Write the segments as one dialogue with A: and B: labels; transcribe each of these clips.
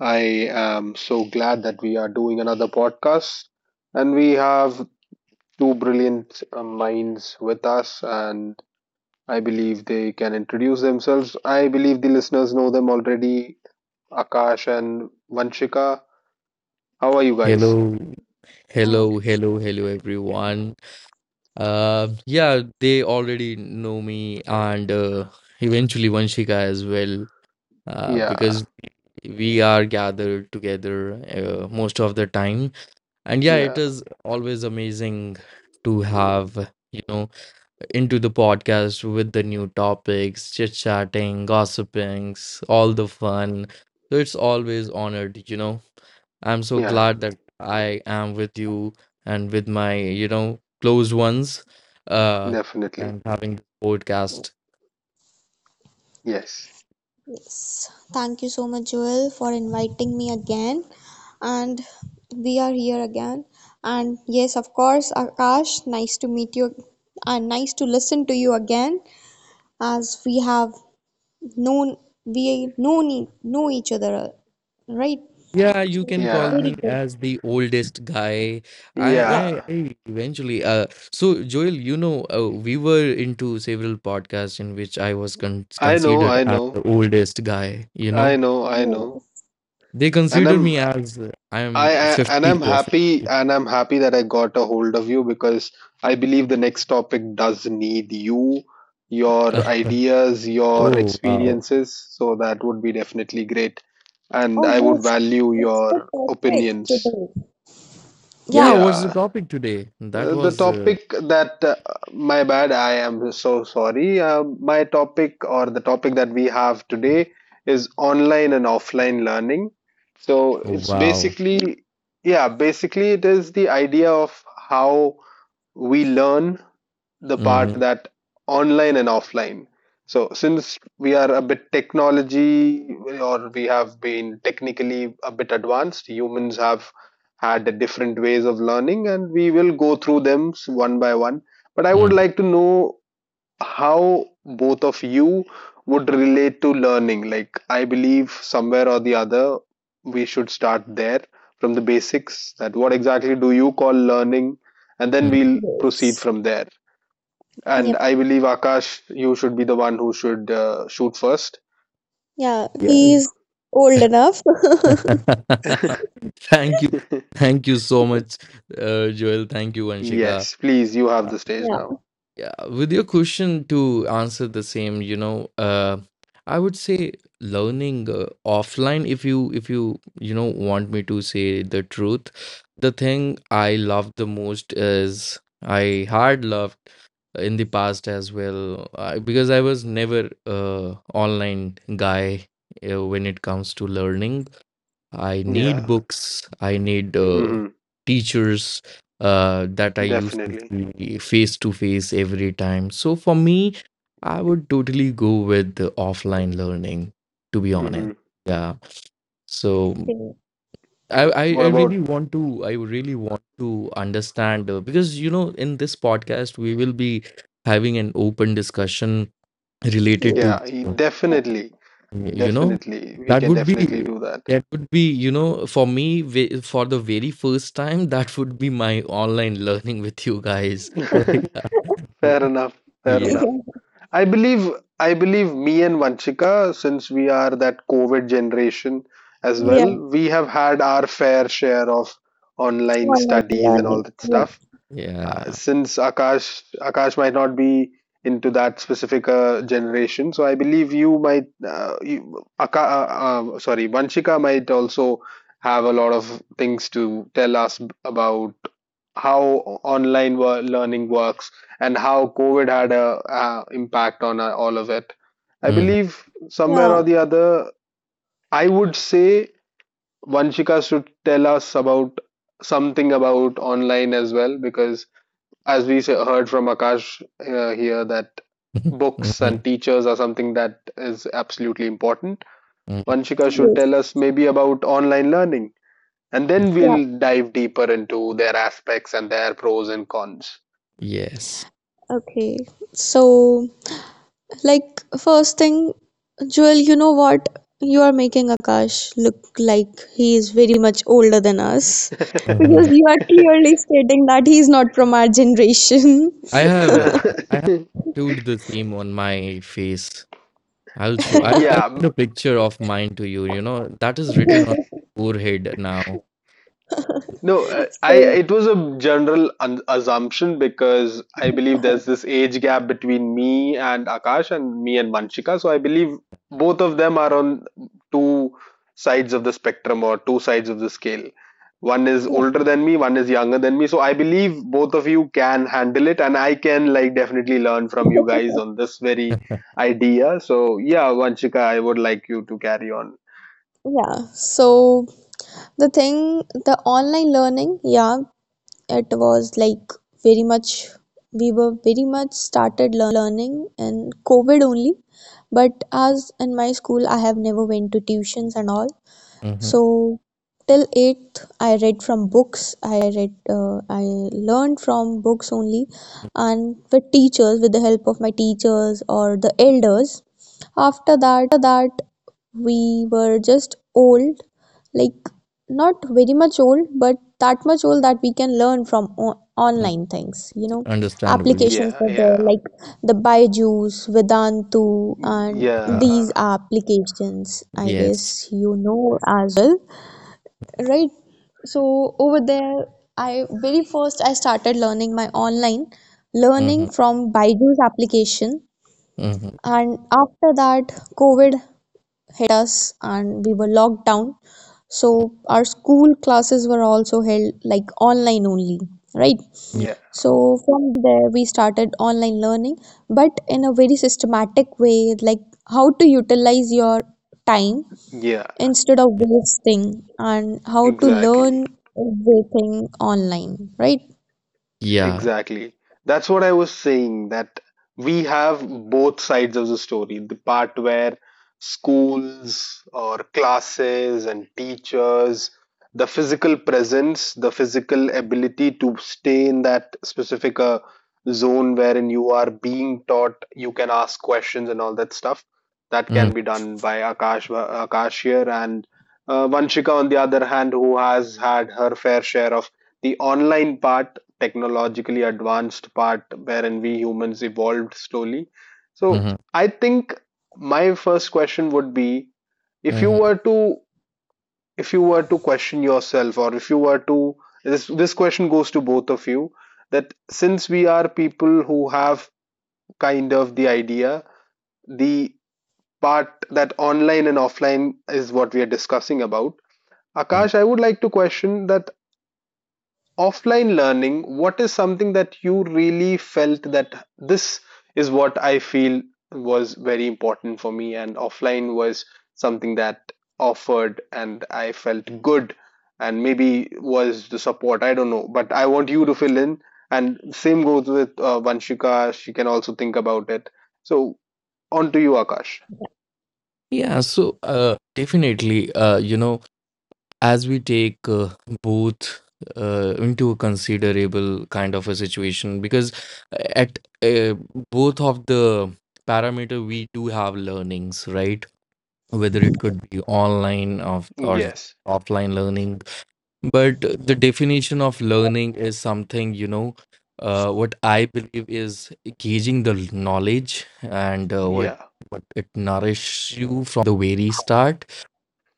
A: I am so glad that we are doing another podcast. And we have two brilliant minds with us, and I believe they can introduce themselves. I believe the listeners know them already, Akash and Vanshika. How are you guys?
B: Hello,
C: Uh,
B: hello, hello, hello, everyone. Yeah, they already know me, and eventually Vanshika as well,
A: Yeah,
B: because we are gathered together most of the time. And yeah, it
A: yeah,
B: is always amazing to have, into the podcast with the new topics, chit chatting, gossipings, all the fun. So it's always honored, I'm so
A: yeah,
B: glad that I am with you and with my, close ones, uh,
A: definitely.
B: and having this podcast.
A: Yes,
C: yes, thank you so much, Joel, for inviting me again. And we are here again. And yes, of course, Akash, nice to meet you and nice to listen to you again, as known we know each other, right?
B: Yeah, you
C: So
B: can call
A: yeah,
C: very
B: me
C: good.
B: as the oldest guy. I, I,
A: yeah.
B: I eventually, so Joel, we were into several podcasts in which I was con
A: I know,
B: considered
A: I
B: as
A: know,
B: the oldest guy,
A: I know, I know.
C: Yes.
B: They
A: And
B: consider
A: I'm
B: me as I'm
A: I
B: 50 or 60.
A: and I'm happy that I got a hold of you, because I believe the next topic does need you,
B: Uh,
A: your ideas, your
B: oh, wow.
A: experiences. So that would be definitely great. And
C: Oh
A: I would
C: yes,
A: value
C: that's the
A: your
C: perfect
A: opinions.
C: today. Yeah.
B: Yeah, what's the
A: Yeah.
B: topic today? That
A: The
B: was
A: topic that, my bad, I am so sorry, my topic, or the topic that we have today, is online and offline learning. So it's
B: wow.
A: basically, yeah, basically it is the idea of how we learn, the part
B: hmm
A: that online and offline. So since we are a bit technology, or we have been technically a bit advanced, humans have had different ways of learning, and we will go through them one by one. But I would like to know how both of you would relate to learning. Like, I believe somewhere or the other we should start there from the basics, that what exactly do you call learning, and then we'll proceed
C: Yes.
A: from there. And
C: Yep.
A: I believe, Akash, you should be the one who should shoot first.
C: Yeah.
B: Yes.
C: He's old enough.
B: Thank you. Thank you so much, Joel. Thank you, Vanshika.
A: Yes, please, you have the stage
C: Yeah.
A: now.
B: Yeah, with your question to answer the same, I would say learning offline. If you you know want me to say the truth, the thing I love the most is I hard loved in the past as well because I was never online guy when it comes to learning. I need
A: Yeah.
B: books. I need
A: Mm-hmm.
B: teachers that I used to
A: Definitely.
B: see face to face every time. So for me, I would totally go with the offline learning, to be honest.
A: Mm-hmm.
B: Yeah. So
C: Okay.
B: I
A: What
B: really
A: about?
B: want to I really want to understand because in this podcast we will be having an open discussion
C: Yes.
B: related to
A: Yeah,
C: Yeah.
A: definitely.
B: you know
A: Definitely. We
B: that
A: can
B: would
A: definitely
B: be
A: do that.
B: for me for the very first time that would be my online learning with you guys so
A: Fair enough. Fair
B: yeah
A: enough. I believe, I believe me and Vanchika, since we are that COVID generation as
B: mm,
A: well,
C: Yeah,
A: we have had our fair share of online
C: online
A: studies and all
C: learning.
A: that
C: Yeah,
A: stuff.
B: yeah.
A: Since Akash might not be into that specific generation, so I believe you might you, Aka, sorry Vanshika might also have a lot of things to tell us about how online learning works, and how COVID had a impact on all of it. I
B: Mhm,
A: believe somewhere
C: yeah,
A: or the other, I would say Vanshika should tell us about something about online as well, because as we say, heard from Akash here, that
B: mhm,
A: books and
B: mhm,
A: teachers are something that is absolutely important.
B: mhm.
A: Vanshika should
C: yes,
A: tell us maybe about online learning, and then
C: yeah.
A: we'll dive deeper into their aspects and their pros and cons.
B: Yes.
C: Okay. So, like, first thing, Joel, you know what? You are making Akash look like he is very much older than us, because
B: Mhm.
C: you are clearly stating that he is not from our generation.
B: I have
A: Uh,
B: I have tattooed the same on my face. I'll show, I'll
A: yeah,
B: send a picture of mine to you, you know that is written on forehead now.
A: no, I,
C: So,
A: it was a general assumption, because I believe there's this age gap between me and Akash, and me and Manchika. So I believe both of them are on two sides of the spectrum, or two sides of the scale. One is
C: yeah,
A: older than me, one is younger than me. So I believe both of you can handle it, and I can, like, definitely learn from you guys on this very idea. So yeah, Manchika, I would like you to carry on.
C: yeah. So, the thing, the online learning, yeah, it was like very much we were very much started learning in covid only. But as in my school, I have never went to tuitions and all,
B: hmm
C: so till 8th, I read from books. I learned from books only, and with teachers, with the help of my teachers or the elders. After that, we were just old, like not very much old, but that much old that we can learn from online things. You know,
B: Understandable. Yeah.
C: applications
A: Yeah,
C: were there,
A: yeah,
C: like the Byju's, Vedantu, and
B: Mhm.
C: these
A: yeah,
C: applications. I
B: Yes.
C: guess you know as well, right? So over there, I, very first, I started learning my online learning
B: Mm-hmm.
C: from Baiju's application.
B: Mhm.
C: And after that, covid hit us and we were locked down, so our school classes were also held like online only, right?
B: Yeah.
A: yeah.
C: So from there, we started online learning, but in a very systematic way, like how to utilize your time
A: Yeah,
C: instead of
B: Yeah.
C: wasting, and how to
A: exactly.
C: learn everything online, right?
B: Yeah.
A: Exactly. That's what I was saying, that we have both sides of the story. The part where schools or classes and teachers, the physical presence, the physical ability to stay in that specific zone wherein you are being taught, you can ask questions and all that stuff. That
B: Mm,
A: can be done by Akash here, and Vanshika, on the other hand, who has had her fair share of the online part, technologically advanced part, wherein we humans evolved slowly. So
B: mhm,
A: I think my first question would be, if you
B: mhm,
A: were to if you were to question yourself, or if you were to this question goes to both of you, that since we are people who have kind of the idea, the part that online and offline is what we are discussing about.
B: mm.
A: Akash, I would like to question that offline learning, what is something that you really felt that this is what I feel was very important for me, and offline was something that offered, and I felt good, and maybe was the support. I don't know, but I want you to fill in. And same goes with Vanshika, she can also think about it. So, on to you, Akash.
B: Yeah, so definitely, as we take both into a considerable kind of a situation, because at uh, both of the parameter we do have learnings, right? Whether it could be online of or
A: Yes,
B: offline learning. But the definition of learning is something, what I believe is gauging the knowledge and
A: yeah,
B: what it nourishes you from the very start.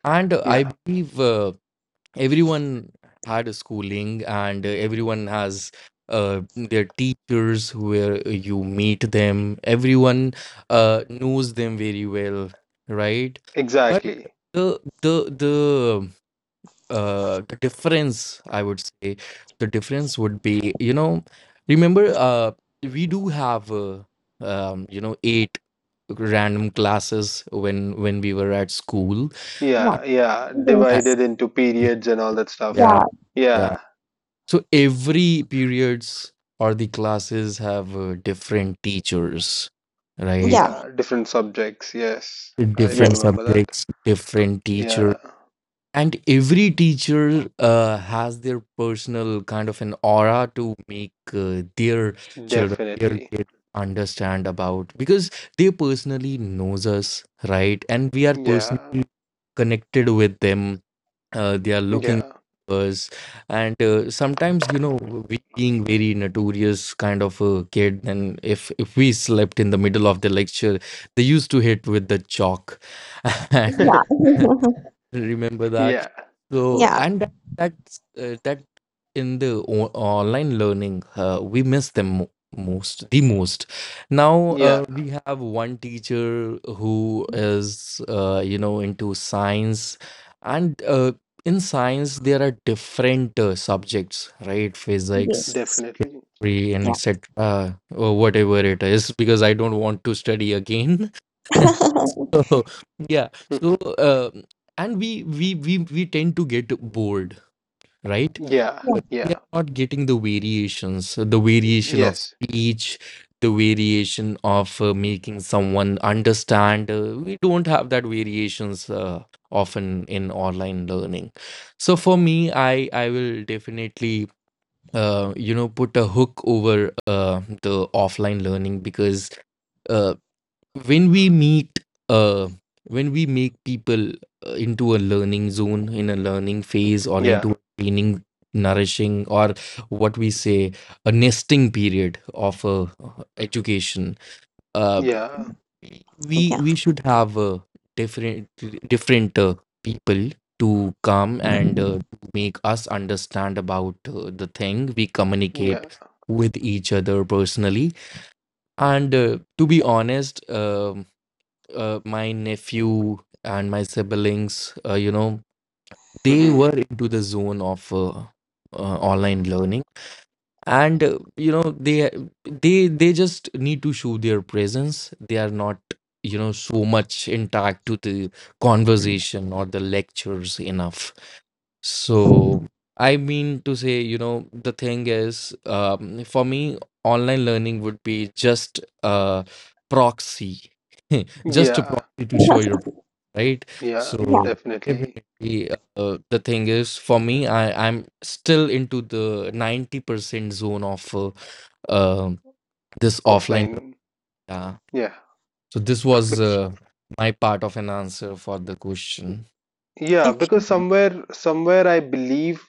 B: And I
A: yeah,
B: believe everyone had a schooling, and everyone has their teachers where you meet them. Everyone knows them very well, right? But
A: exactly.
B: the the the the difference, I would say, the difference would be, you know, remember, we do have you know, eight random classes when we were at school. Uh,
C: Yeah.
A: Yeah, yeah, divided
C: Yes.
A: into periods and all that stuff.
B: Yeah,
C: Yeah.
B: yeah.
A: Yeah,
B: So every periods or the classes have different teachers, right?
C: Yeah.
A: yeah, different subjects. Yes, I do
B: Different
C: Yes.
A: remember that.
B: subjects, different teachers.
A: Yeah,
B: And every teacher has their personal kind of an aura to make their children their
A: definitely.
B: kids understand about because they personally knows us, right? And we are
A: Yeah,
B: personally connected with them. They are looking
A: yeah,
B: us and sometimes we being very notorious kind of a kid, and if we slept in the middle of the lecture they used to hit with the chalk and
C: Yeah.
B: remember that.
A: yeah,
B: So
C: Yeah.
B: and that in the online learning we miss them most the most. Now
A: yeah,
B: we have one teacher who is into science and in science there are different subjects, right? Physics,
C: Yes.
A: definitely.
B: chemistry, and
C: Yeah.
B: etc or whatever it is because I don't want to study again. So yeah. So uh, and we tend to get bored, right?
A: Yeah,
C: Yeah.
A: yeah,
B: We are not getting the variations, the variation of
A: yes,
B: speech, the variation of making someone understand. We don't have that variations often in online learning. So for me, I will definitely put a hook over the offline learning. Because uh, when we meet uh when we make people into a learning zone in a learning phase or
A: yeah,
B: into training nourishing or what we say a nesting period of education, uh
A: yeah,
B: we should have different different people to come and make us understand about the thing we communicate
A: yeah,
B: with each other personally. And to be honest, my nephew and my siblings, they
A: hmm,
B: were into the zone of online learning, and they just need to show their presence. They are not, so much intact to the conversation or the lectures enough. So I mean to say, the thing is, for me, online learning would be just a proxy, just a
A: yeah,
B: proxy to show
C: Yeah.
B: your presence, right?
A: yeah,
C: Yeah.
B: So
A: definitely.
B: definitely, the thing is, for me, I'm still into the 90% zone of um this offline learning.
A: Offline.
B: Yeah.
A: Yeah,
B: So this was
A: Bec-
B: my part of an answer for the question.
A: yeah,
C: Okay.
A: because somewhere I believe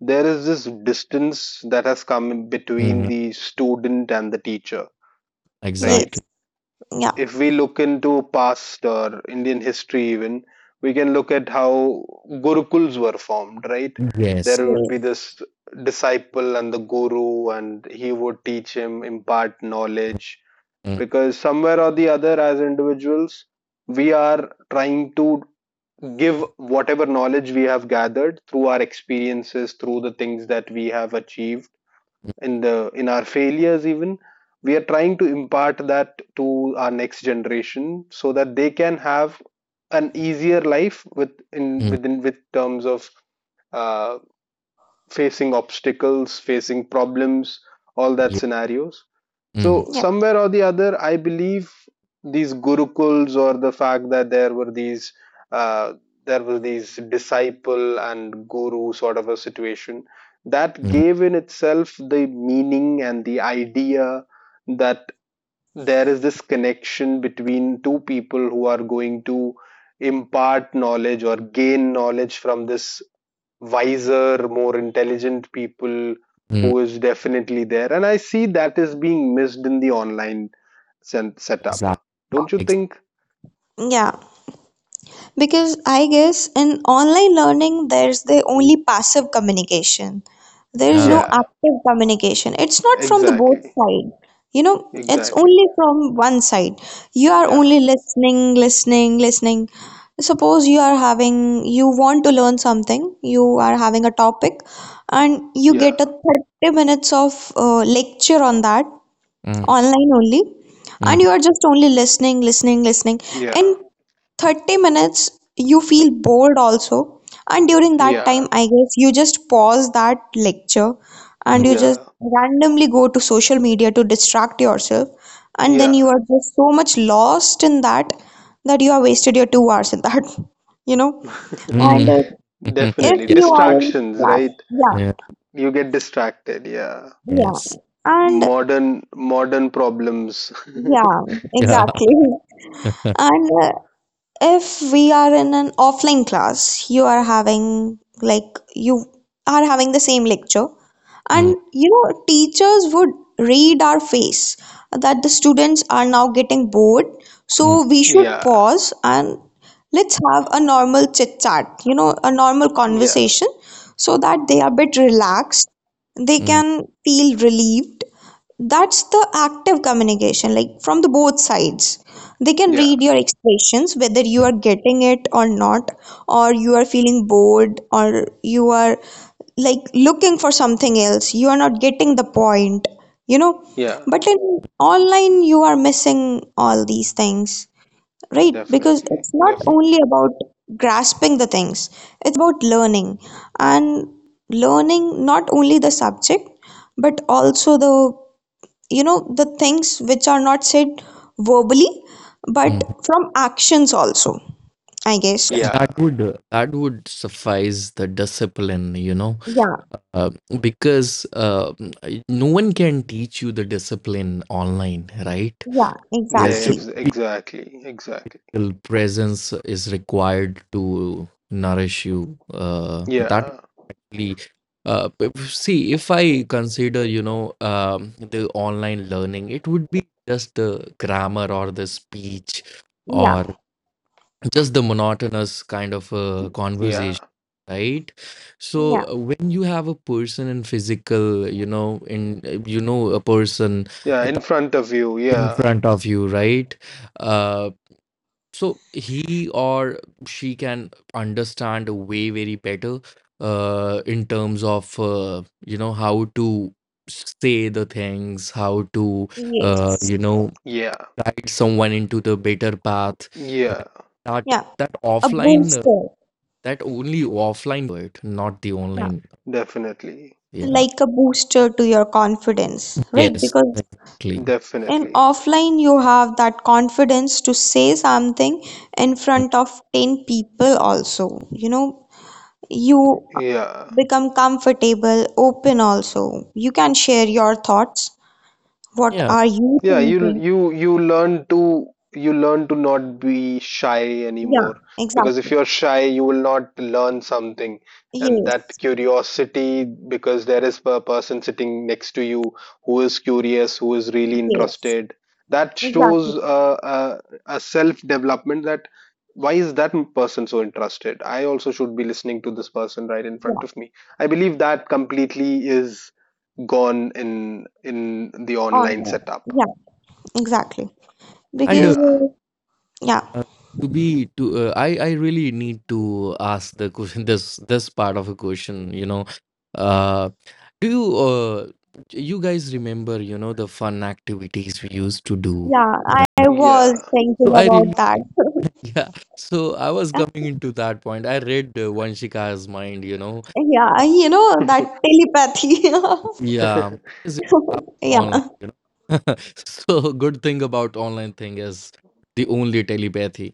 A: there is this distance that has come in between
B: Mhm.
A: the student and the teacher, right?
C: Yes.
B: Exactly.
C: Yeah.
A: If we look into past or Indian history, even we can look at how gurukuls were formed, right?
B: Yes.
A: There would be
C: Yes.
A: this disciple and the guru, and he would teach him, impart knowledge.
B: Mm,
A: Because somewhere or the other, as individuals, we are trying to give whatever knowledge we have gathered through our experiences, through the things that we have achieved, in our failures, even we are trying to impart that to our next generation, so that they can have an easier life, with in
B: mm,
A: within with terms of uh, facing obstacles, facing problems, all that
B: Yeah.
A: scenarios.
B: Mhm.
A: So
C: Yeah.
A: somewhere or the other, I believe these gurukuls, or the fact that uh, there were these disciple and guru sort of a situation, that
B: Mhm.
A: gave in itself the meaning and the idea that there is this connection between two people who are going to impart knowledge, or gain knowledge from this wiser, more intelligent people who is definitely there. And I see that is being missed in the online
B: Exactly.
A: setup.
B: Exact.
A: Don't you
B: Exact.
A: think?
C: Yeah. Because I guess in online learning there's the only passive communication, there is no
B: Yeah.
A: Yeah,
C: active communication, it's not from the both
A: exactly.
C: side, you know. It's
A: Exactly.
C: only from one side, you are
A: Yeah.
C: only listening, listening, listening. Suppose you are having you want to learn something, you are having a topic and you
A: Yeah.
C: get a 30 minutes of lecture on that
B: Mhm.
C: online only, and
B: Mhm.
C: you are just only listening, listening, listening. In
A: Yeah.
C: 30 minutes you feel bored also, and during that time
A: Yeah.
C: I guess you just pause that lecture and you just
A: Yeah.
C: randomly go to social media to distract yourself, and then
A: Yeah.
C: you are just so much lost in that that you have wasted your 2 hours in that. You know,
B: Mhm.
C: and
B: Mhm. Mhm.
A: Definitely.
C: if
B: Yeah.
C: you are in
A: Distractions,
C: class,
A: right?
B: Yeah.
C: yeah,
A: You get distracted. Yeah.
C: yeah,
B: Yes.
C: and
A: Modern problems.
C: yeah,
B: Yeah.
C: exactly. And if we are in an offline class, you are having the same lecture,
B: Mm,
C: and you know, teachers would read our face that the students are now getting bored,
B: mm,
C: so we should
A: Yeah.
C: pause and let's have a normal chit chat, a normal
A: Yeah.
C: conversation, so that they are a bit relaxed, they
B: Hmm.
C: can feel relieved. That's the active communication, like from the both sides they can
A: Yeah.
C: read your expressions, whether you are getting it or not, or you are feeling bored, or you are like looking for something else, you are not getting the point, you know.
A: Yeah.
C: But in online you are missing all these things, right? Because
A: Definitely.
C: it's not
B: Yeah.
C: only
A: Definitely.
C: about grasping the things, it's about learning and learning, not only the subject, but also the you know the things which are not said verbally, but
B: Mhm.
C: from actions also, I guess.
B: Yeah,
A: Yeah.
B: that would suffice the discipline,
C: Yeah,
B: uh, because I- no one can teach you the discipline online, right?
C: yeah,
B: There should
C: exactly.
A: Devs,
B: be
A: exactly, exactly.
B: real presence is required to nourish you. That
A: Yeah,
B: Exactly. See, if I consider, the online learning, it would be just the grammar or the speech or
C: Yeah,
B: just the monotonous kind of conversation,
A: yeah,
B: right? So
C: yeah,
B: when you have a person in physical, a person
A: yeah,
B: uh,
A: in
B: th-
A: front of you.
B: in
A: Yeah,
B: front of you, right? Uh, so he or she can understand way very better in terms of how to say the things, how to uh,
C: yes,
B: you know
A: yeah,
B: guide someone into the better path.
A: yeah,
B: Like that,
C: yeah.
B: that
C: A
B: offline,
C: booster.
B: that only offline can do it, not the
C: Yeah,
B: online.
A: definitely,
B: Yeah.
C: like a booster to your confidence, right?
B: Yes.
C: Because
B: Exactly.
C: in
A: definitely.
C: offline you have that confidence to say something in front of 10 people also, you
A: Yeah.
C: become comfortable, open also, you can share your thoughts. What
B: Yeah.
C: are you
A: Yeah, you
C: thinking?
A: you you learn to you learn to not be shy
C: Yeah,
A: anymore, because if
C: exactly.
A: you're shy you will not learn something. And that
C: Yes,
A: curiosity, because there is a person sitting next to you who is curious, who is really
C: yes,
A: interested, that
C: exactly.
A: shows a self development, that why is that person so interested, I also should be listening to this person right in front
C: Yeah,
A: of me. I believe that completely is gone in the online
C: honor.
A: setup.
C: Yeah, exactly.
B: And
C: Because,
A: Yeah,
C: yeah,
B: Uh, to be to I really need to ask the question. This part of a question, uh do you you guys remember, the fun activities we used to do,
C: yeah, I
B: right?
C: was
A: yeah,
C: thinking
B: So I really
C: about that.
B: yeah so I was coming into that point. I read Vanshika's mind,
C: Yeah, that telepathy.
B: yeah, is happening online,
C: Yeah.
B: so good thing about online thing is the only telepathy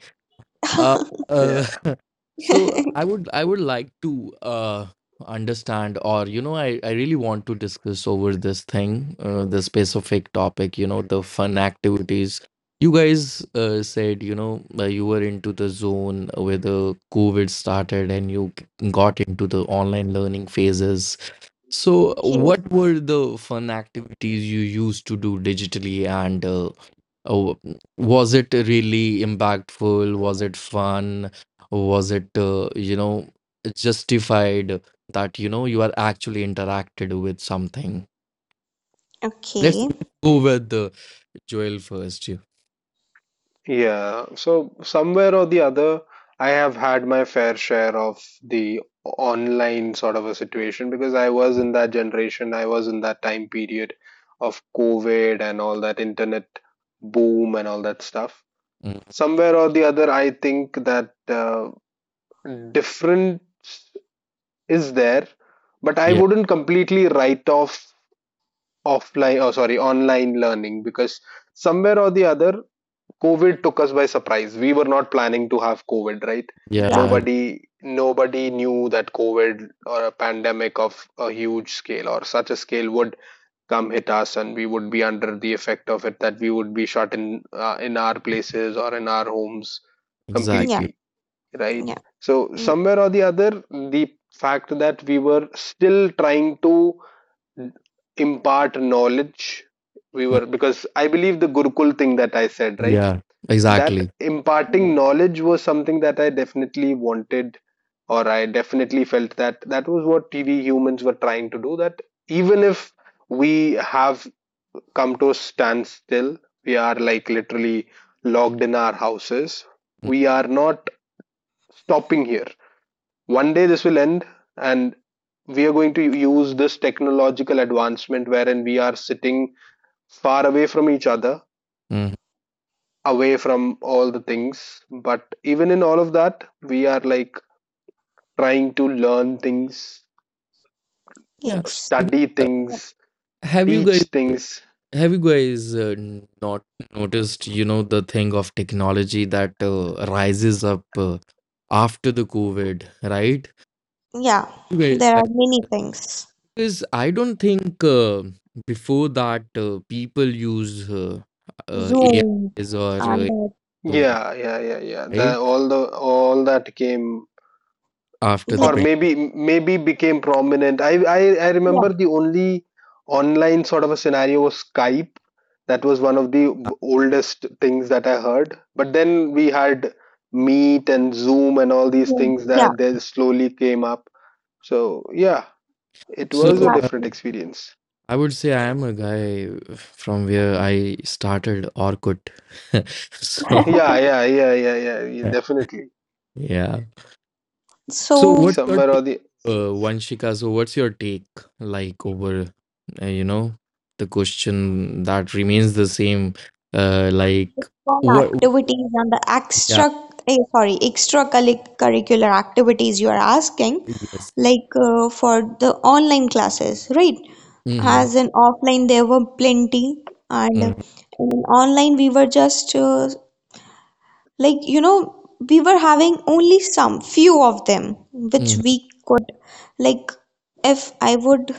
B: uh, uh
A: yeah,
B: so I would like to understand or you know I really want to discuss over this thing, the specific topic, the fun activities you guys said, you were into the zone where the COVID started and you got into the online learning phases. So
C: Cute.
B: what were the fun activities you used to do digitally, and oh, was it really impactful? Was it fun? Was it, justified that, you are actually interacted with something? Let's
C: Okay.
B: go with Joel first. You.
A: yeah. So, somewhere or the other, I have had my fair share of the online sort of a situation, because I was in that generation, I was in that time period of COVID and all that internet boom and all that stuff.
B: Mm,
A: Somewhere or the other, I think that difference is there, but I
B: Yeah,
A: wouldn't completely write off offline, or sorry, online learning, because somewhere or the other, COVID took us by surprise. We were not planning to have COVID, right?
C: Yeah,
B: yeah,
A: Nobody knew that COVID, or a pandemic of a huge scale, or such a scale, would come hit us, and we would be under the effect of it, that we would be shut in, in our places or in our homes
C: yeah,
B: exactly.
A: completely, right?
C: yeah,
A: So
C: yeah,
A: somewhere or the other, the fact that we were still trying to impart knowledge, we
B: Mm,
A: were, because I believe the gurukul thing that I said, right,
B: Yeah,
A: that
B: exactly.
A: imparting
C: yeah.
A: knowledge was something that I definitely wanted, or I definitely felt that that was what tv humans were trying to do, that even if we have come to a standstill, we are like literally locked in our houses,
B: Mm,
A: we are not stopping here, one day this will end, and we are going to use this technological advancement, wherein we are sitting far away from each other,
B: mhm.
A: away from all the things. But even in all of that, we are like trying to learn things,
B: Yeah.
C: Yes.
B: Because,
A: study
C: Yeah.
A: things,
B: have you guys?
A: teach things.
B: Have you guys not noticed, the thing of technology that rises up after the COVID, right?
C: Yeah.
B: You guys-
C: There are
B: like,
C: many things.
B: Because I don't think before that people use
C: Zoom
B: AIs or
C: and
B: to
A: Yeah, yeah, yeah, yeah.
B: right
A: The all that came,
B: after the
A: or
C: like
B: pandemic.
A: maybe became prominent. I
C: yeah,
A: remember the only online sort of a scenario was Skype. That was one of the oldest things that I heard. But then we had Meet and Zoom and all these
C: Zoom.
A: things,
C: Yeah,
A: that they slowly came up. So yeah, it
B: So
A: was a
B: uh,
C: exactly.
A: different experience.
B: I would say I am a guy from where I started Orkut. So
A: Yeah, yeah, yeah, yeah, yeah, yeah, definitely.
B: yeah. So what's
C: So,
B: your
A: Somewhere or
B: take,
A: the
B: Vanshika? So what's your take like over, uh, you know, the question that remains the same, like
C: fun
B: what?
C: activities and the
B: Yeah.
C: sorry, extracurricular activities you are asking,
B: Yes.
C: like for the online classes, right?
B: Mm-hmm.
C: As in offline, there were plenty, and in online, we were just like, you know, we were having only some few of them, which
B: Mm-hmm.
C: we could, like, if I would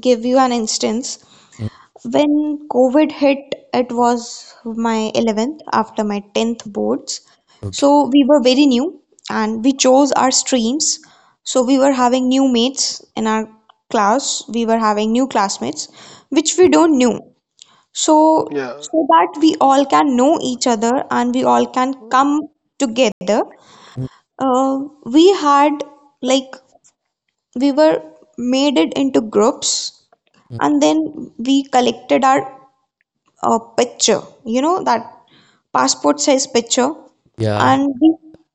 C: give you an instance.
B: hmm
C: When COVID hit, it was my 11th after my 10th boards. So
B: Okay.
C: we were very new and we chose our streams. So we were having new mates in our class. We were having new classmates, which we don't knew. So
A: Yeah,
C: so that we all can know each other and we all can come together.
B: Mm-hmm.
C: Uh, we had like we were made it into groups, and then we collected our a picture, that passport size picture,
B: Yeah.
C: and we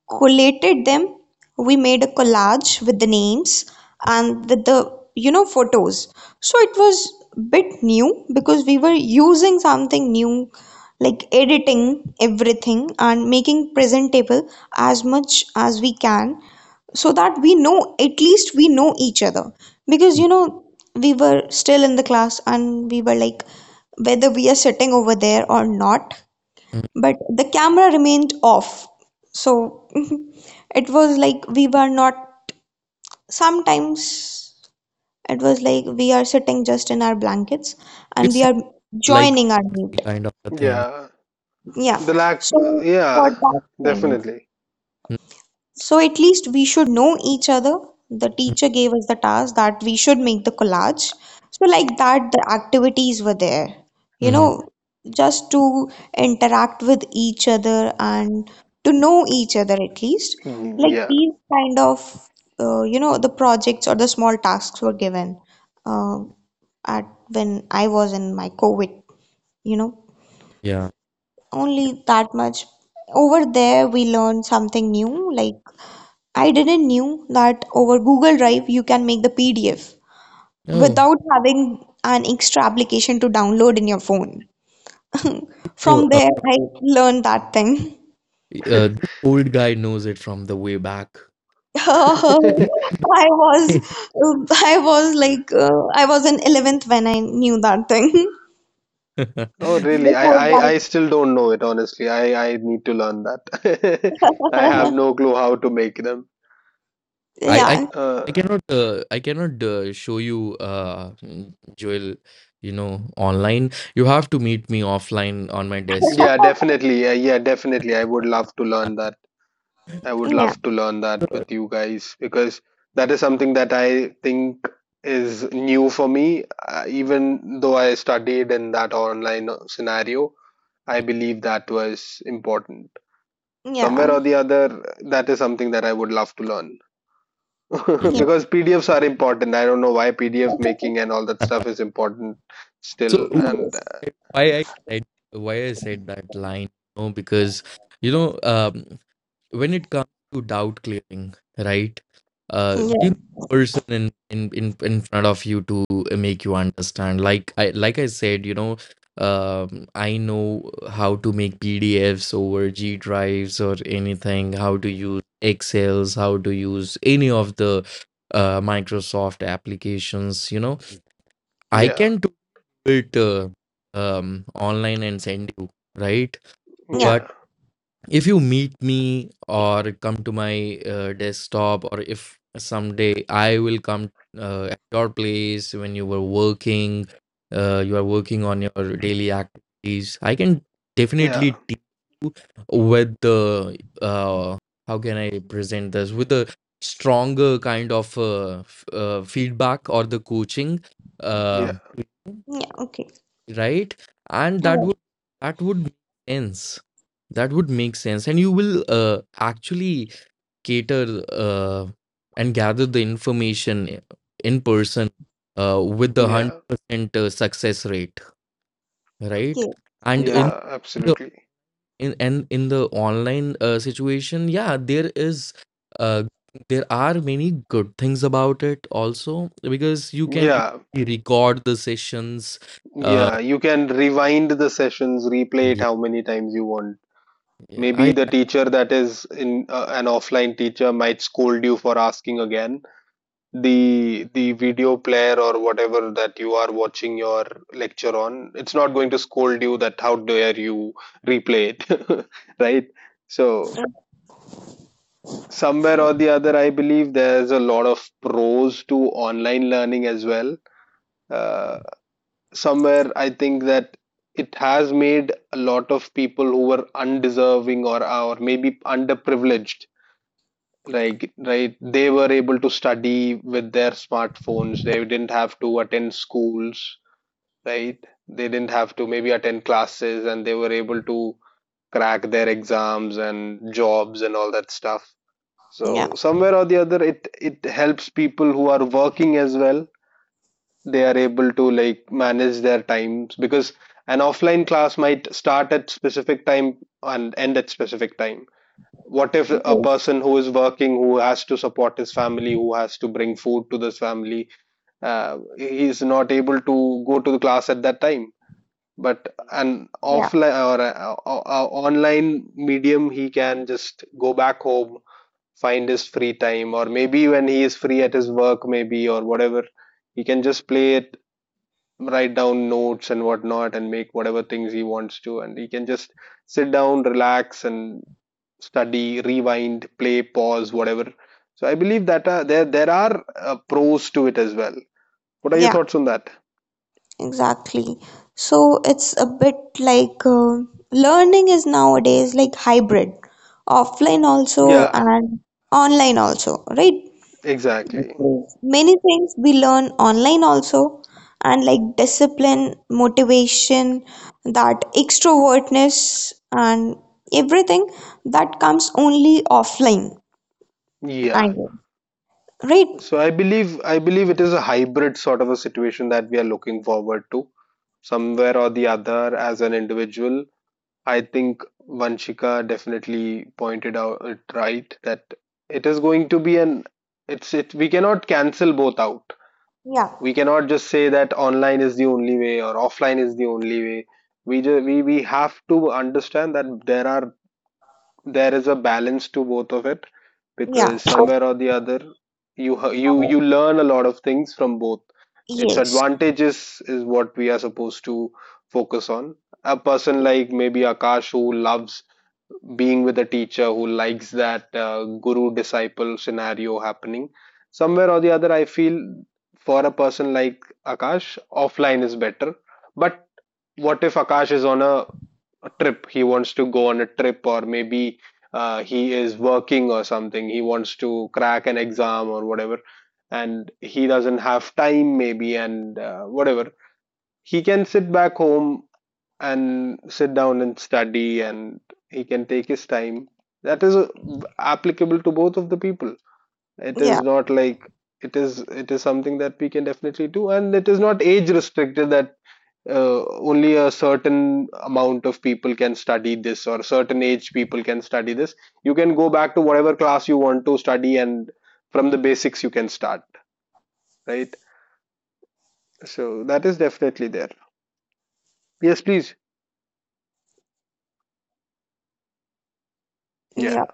C: collated them. We made a collage with the names and with the photos. So it was bit new because we were using something new, like editing everything and making presentable as much as we can, so that we know, at least we know each other. Because we were still in the class, and we were like whether we are sitting over there or not,
B: Mm-hmm.
C: but the camera remained off. So it was like we were not, sometimes it was like we are sitting just in our blankets and
B: It's
C: we are
B: like
C: joining our meet.
B: kind of a thing.
A: yeah.
C: Yeah.
A: The lack,
C: So for
A: yeah,
C: that thing,
A: definitely.
C: so at least we should know each other. The
B: Mm-hmm.
C: teacher gave us the task that we should make the collage. So like that, the activities were there, you
B: Mm-hmm.
C: know, just to interact with each other and to know each other at least.
A: Mm,
C: Like
A: yeah.
C: these kind of, the projects or the small tasks were given uh, at when I was in my COVID, you know,
B: Yeah.
C: only that much. Over there, we learned something new, like I didn't knew that over Google Drive you can make the PDF
B: Oh.
C: without having an extra application to download in your phone.
B: Oh,
C: From there, I learned that thing.
B: this old guy knows it from the way back.
C: I was, I was in 11th when I knew that thing.
A: Oh, really? I, I,
C: Before
A: I still don't know it, honestly. I need to learn that. I have
C: that,
A: no clue how to make them.
B: I I
C: yeah,
A: Uh,
B: I cannot I cannot show you Joel, online. You have to meet me offline on my desktop.
A: yeah, definitely. Yeah, yeah, definitely. I would love to learn that. I would
C: yeah,
A: love to learn that with you guys, because that is something that I think is new for me. Even though I studied in that online scenario, I believe that was important. Somewhere
C: yeah,
A: or the other, that is something that I would love to learn.
B: Yeah.
C: yeah,
A: Because PDFs are important. I don't know why PDF making and all that stuff is important
B: So
A: still. And
C: yes,
B: why why I said that line? No, because you know. Um, when it comes to doubt clearing, right?
C: yeah,
B: You need a person in, in front of you to make you understand. Like I said, I know how to make PDFs over G drives or anything. How to use Excel's, how to use any of the Microsoft applications. You know, I
A: Yeah,
B: can do it online and send you, right?
C: yeah,
A: yeah,
B: If you meet me or come to my desktop, or if someday I will come at your place when you were working, you are working on your daily activities, I can
A: yeah,
B: definitely teach you with the uh, how can I present this with a stronger kind of feedback or the coaching. Um
A: yeah,
C: yeah, okay,
B: right? And
C: all
B: that
C: right,
B: would make sense, that would make sense, and you will actually cater and gather the information in person with the
A: yeah,
B: 100% success rate, right?
C: yeah,
B: And in
C: exactly,
A: yeah,
B: the
A: absolutely.
B: in and in the online situation, yeah, there is uh, there are many good things about it also, because you can
A: Yeah,
B: easily record the sessions uh,
A: yeah. You can rewind the sessions, replay it
B: yeah,
A: how many times you want.
B: yeah,
A: Maybe
B: I.
A: the teacher that is in an offline teacher might scold you for asking again. The video player or whatever that you are watching your lecture on, it's not going to scold you that how dare you replay it right? So somewhere or the other, I believe there's a lot of pros to online learning as well. uh, Somewhere I think that it has made a lot of people who were undeserving or maybe underprivileged, like, right, they were able to study with their smartphones. They didn't have to attend schools, right? They didn't have to maybe attend classes, and they were able to crack their exams and jobs and all that stuff.
C: yeah,
A: So somewhere or the other, it helps people who are working as well. They are able to like manage their times, because an offline class might start at specific time and end at specific time. What if a
C: yes,
A: person who is working, who has to support his family, who has to bring food to this family, he is not able to go to the class at that time? But an
C: yeah,
A: offline or a online medium, he can just go back home, find his free time, or maybe when he is free at his work, maybe, or whatever, he can just play it, write down notes and whatnot, and make whatever things he wants to, and he can just sit down, relax and study, rewind, play, pause, whatever. So I believe that there are pros to it as well. What are your
C: yeah.
A: thoughts on that?
C: Exactly. So it's a bit like learning is nowadays like hybrid, offline also
A: Yeah,
C: and online also, right?
A: exactly.
C: Because many things we learn online also, and like discipline, motivation, that extrovertness, and everything that comes only offline, I
A: Yeah.
C: guess, right?
A: So I believe it is a hybrid sort of a situation that we are looking forward to, somewhere or the other. As an individual, I think Vanshika definitely pointed out it right, that it is going to be an it's it we cannot cancel both out.
C: Yeah,
A: We cannot just say that online is the only way or offline is the only way. We have to understand that there is a balance to both of it,
C: yeah.
A: because somewhere or the other you you
C: Now-
A: you learn a lot of things from both. Its
C: Yes.
A: advantages is what we are supposed to focus on. A person
C: Yeah,
A: like maybe Akash, who loves being with a teacher, who likes that guru disciple scenario happening, somewhere or the other I feel for a person like Akash, offline is better. But what if Akash is on a trip? He wants to go on a trip, or maybe he is working or something, he wants to crack an exam or whatever, and he doesn't have time maybe, and whatever, he can sit back home and sit down and study, and he can take his time. That is applicable to both of the people. It
C: yeah,
A: is not like it is, it is something that we can definitely do, and it is not age restricted that only a certain amount of people can study this, or certain age people can study this. You can go back to whatever class you want to study, and from the basics you can start, right? So that is definitely there. Yes, please. Yeah,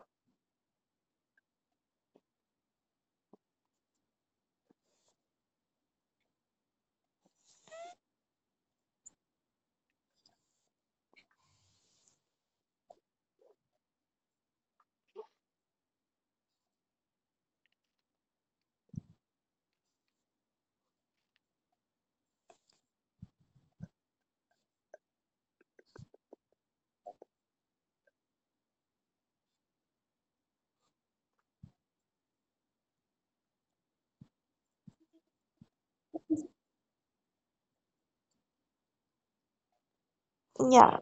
C: yeah,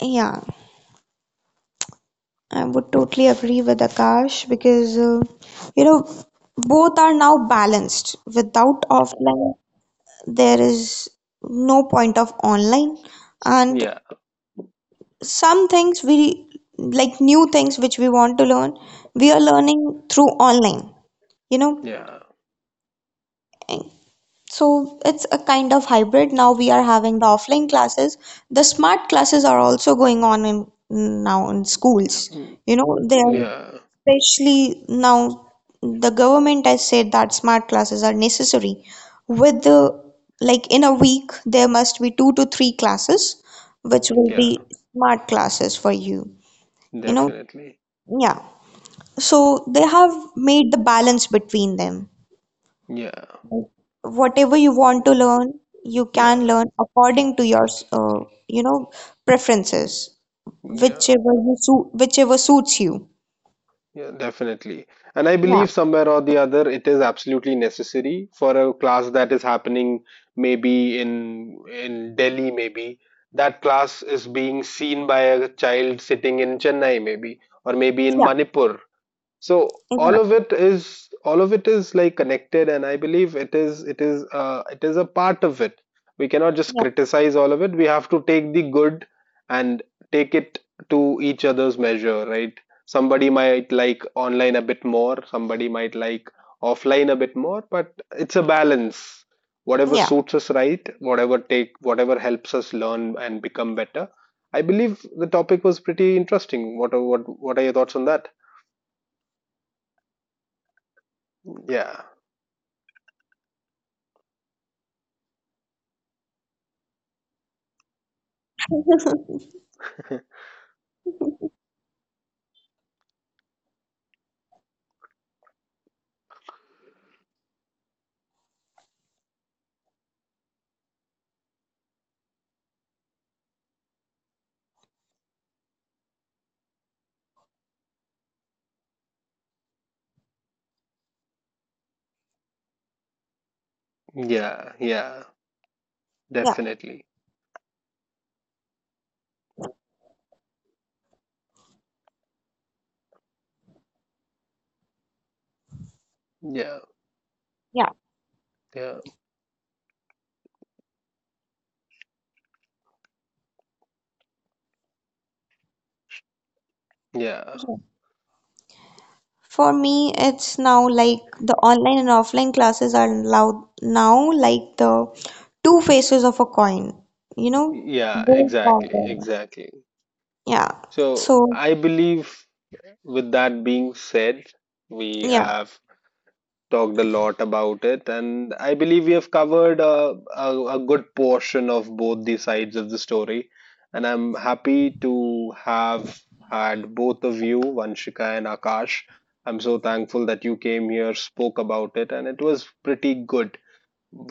C: yeah. I would totally agree with Akash, because you know both are now balanced. Without offline, there is no point of online, and
A: yeah,
C: some things we like new things which we want to learn, we are learning through online. You know,
A: yeah.
C: And so it's a kind of hybrid. Now we are having the offline classes. The smart classes are also going on in now in schools.
A: Mm,
C: You know, they are
A: yeah.
C: Especially now, the government has said that smart classes are necessary. With the like, in a week, there must be two to three classes, which will
A: Yeah,
C: be smart classes for you. You know,
A: definitely.
C: yeah. So they have made the balance between them.
A: Yeah,
C: Like, whatever you want to learn, you can
A: yeah,
C: learn according to your uh, you know preferences,
A: yeah,
C: whichever suits you.
A: yeah, definitely. And I
C: Yeah,
A: believe somewhere or the other, it is absolutely necessary for a class that is happening maybe in Delhi, maybe that class is being seen by a child sitting in Chennai, maybe, or maybe in
C: yeah,
A: Manipur. So
C: exactly.
A: all of it is like connected, and I believe it is it is a part of it. We cannot just criticize all of it. We have to take the good and take it to each other's measure, right? Somebody might like online a bit more, somebody might like offline a bit more, but it's a balance. Whatever
C: Yeah,
A: suits us right, whatever, take whatever helps us learn and become better. I believe the topic was pretty interesting. What are your thoughts on that? Yeah. Huh, yeah, yeah,
C: yeah.
A: definitely. Yeah,
C: Yeah,
A: yeah, yeah,
C: sure. For me, it's now like the online and offline classes are now like the two faces of a coin, you know.
A: yeah,
C: Both are
A: exactly,
C: there.
A: exactly.
C: Yeah.
A: So
C: So,
A: I believe, with that being said, we
C: yeah,
A: have talked a lot about it, and I believe we have covered a good portion of both the sides of the story. And I'm happy to have had both of you, Vanshika and Akash. I'm so thankful that you came here, spoke about it, and it was pretty good.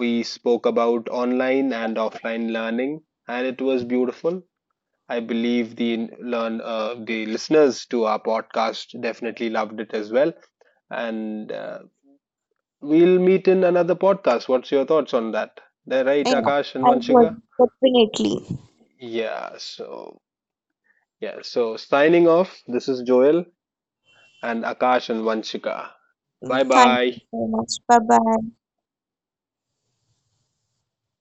A: We spoke about online and offline learning, and it was beautiful. I believe the learn the listeners to our podcast definitely loved it as well. And we'll meet in another podcast. What's your thoughts on that? They're right,
C: yeah,
A: Akash and
C: I would
A: Vanshika.
C: definitely.
A: Yeah. So yeah. So signing off. This is Joel and Akash and Vanshika. Bye
C: Thank
A: bye.
C: you so much. Bye bye.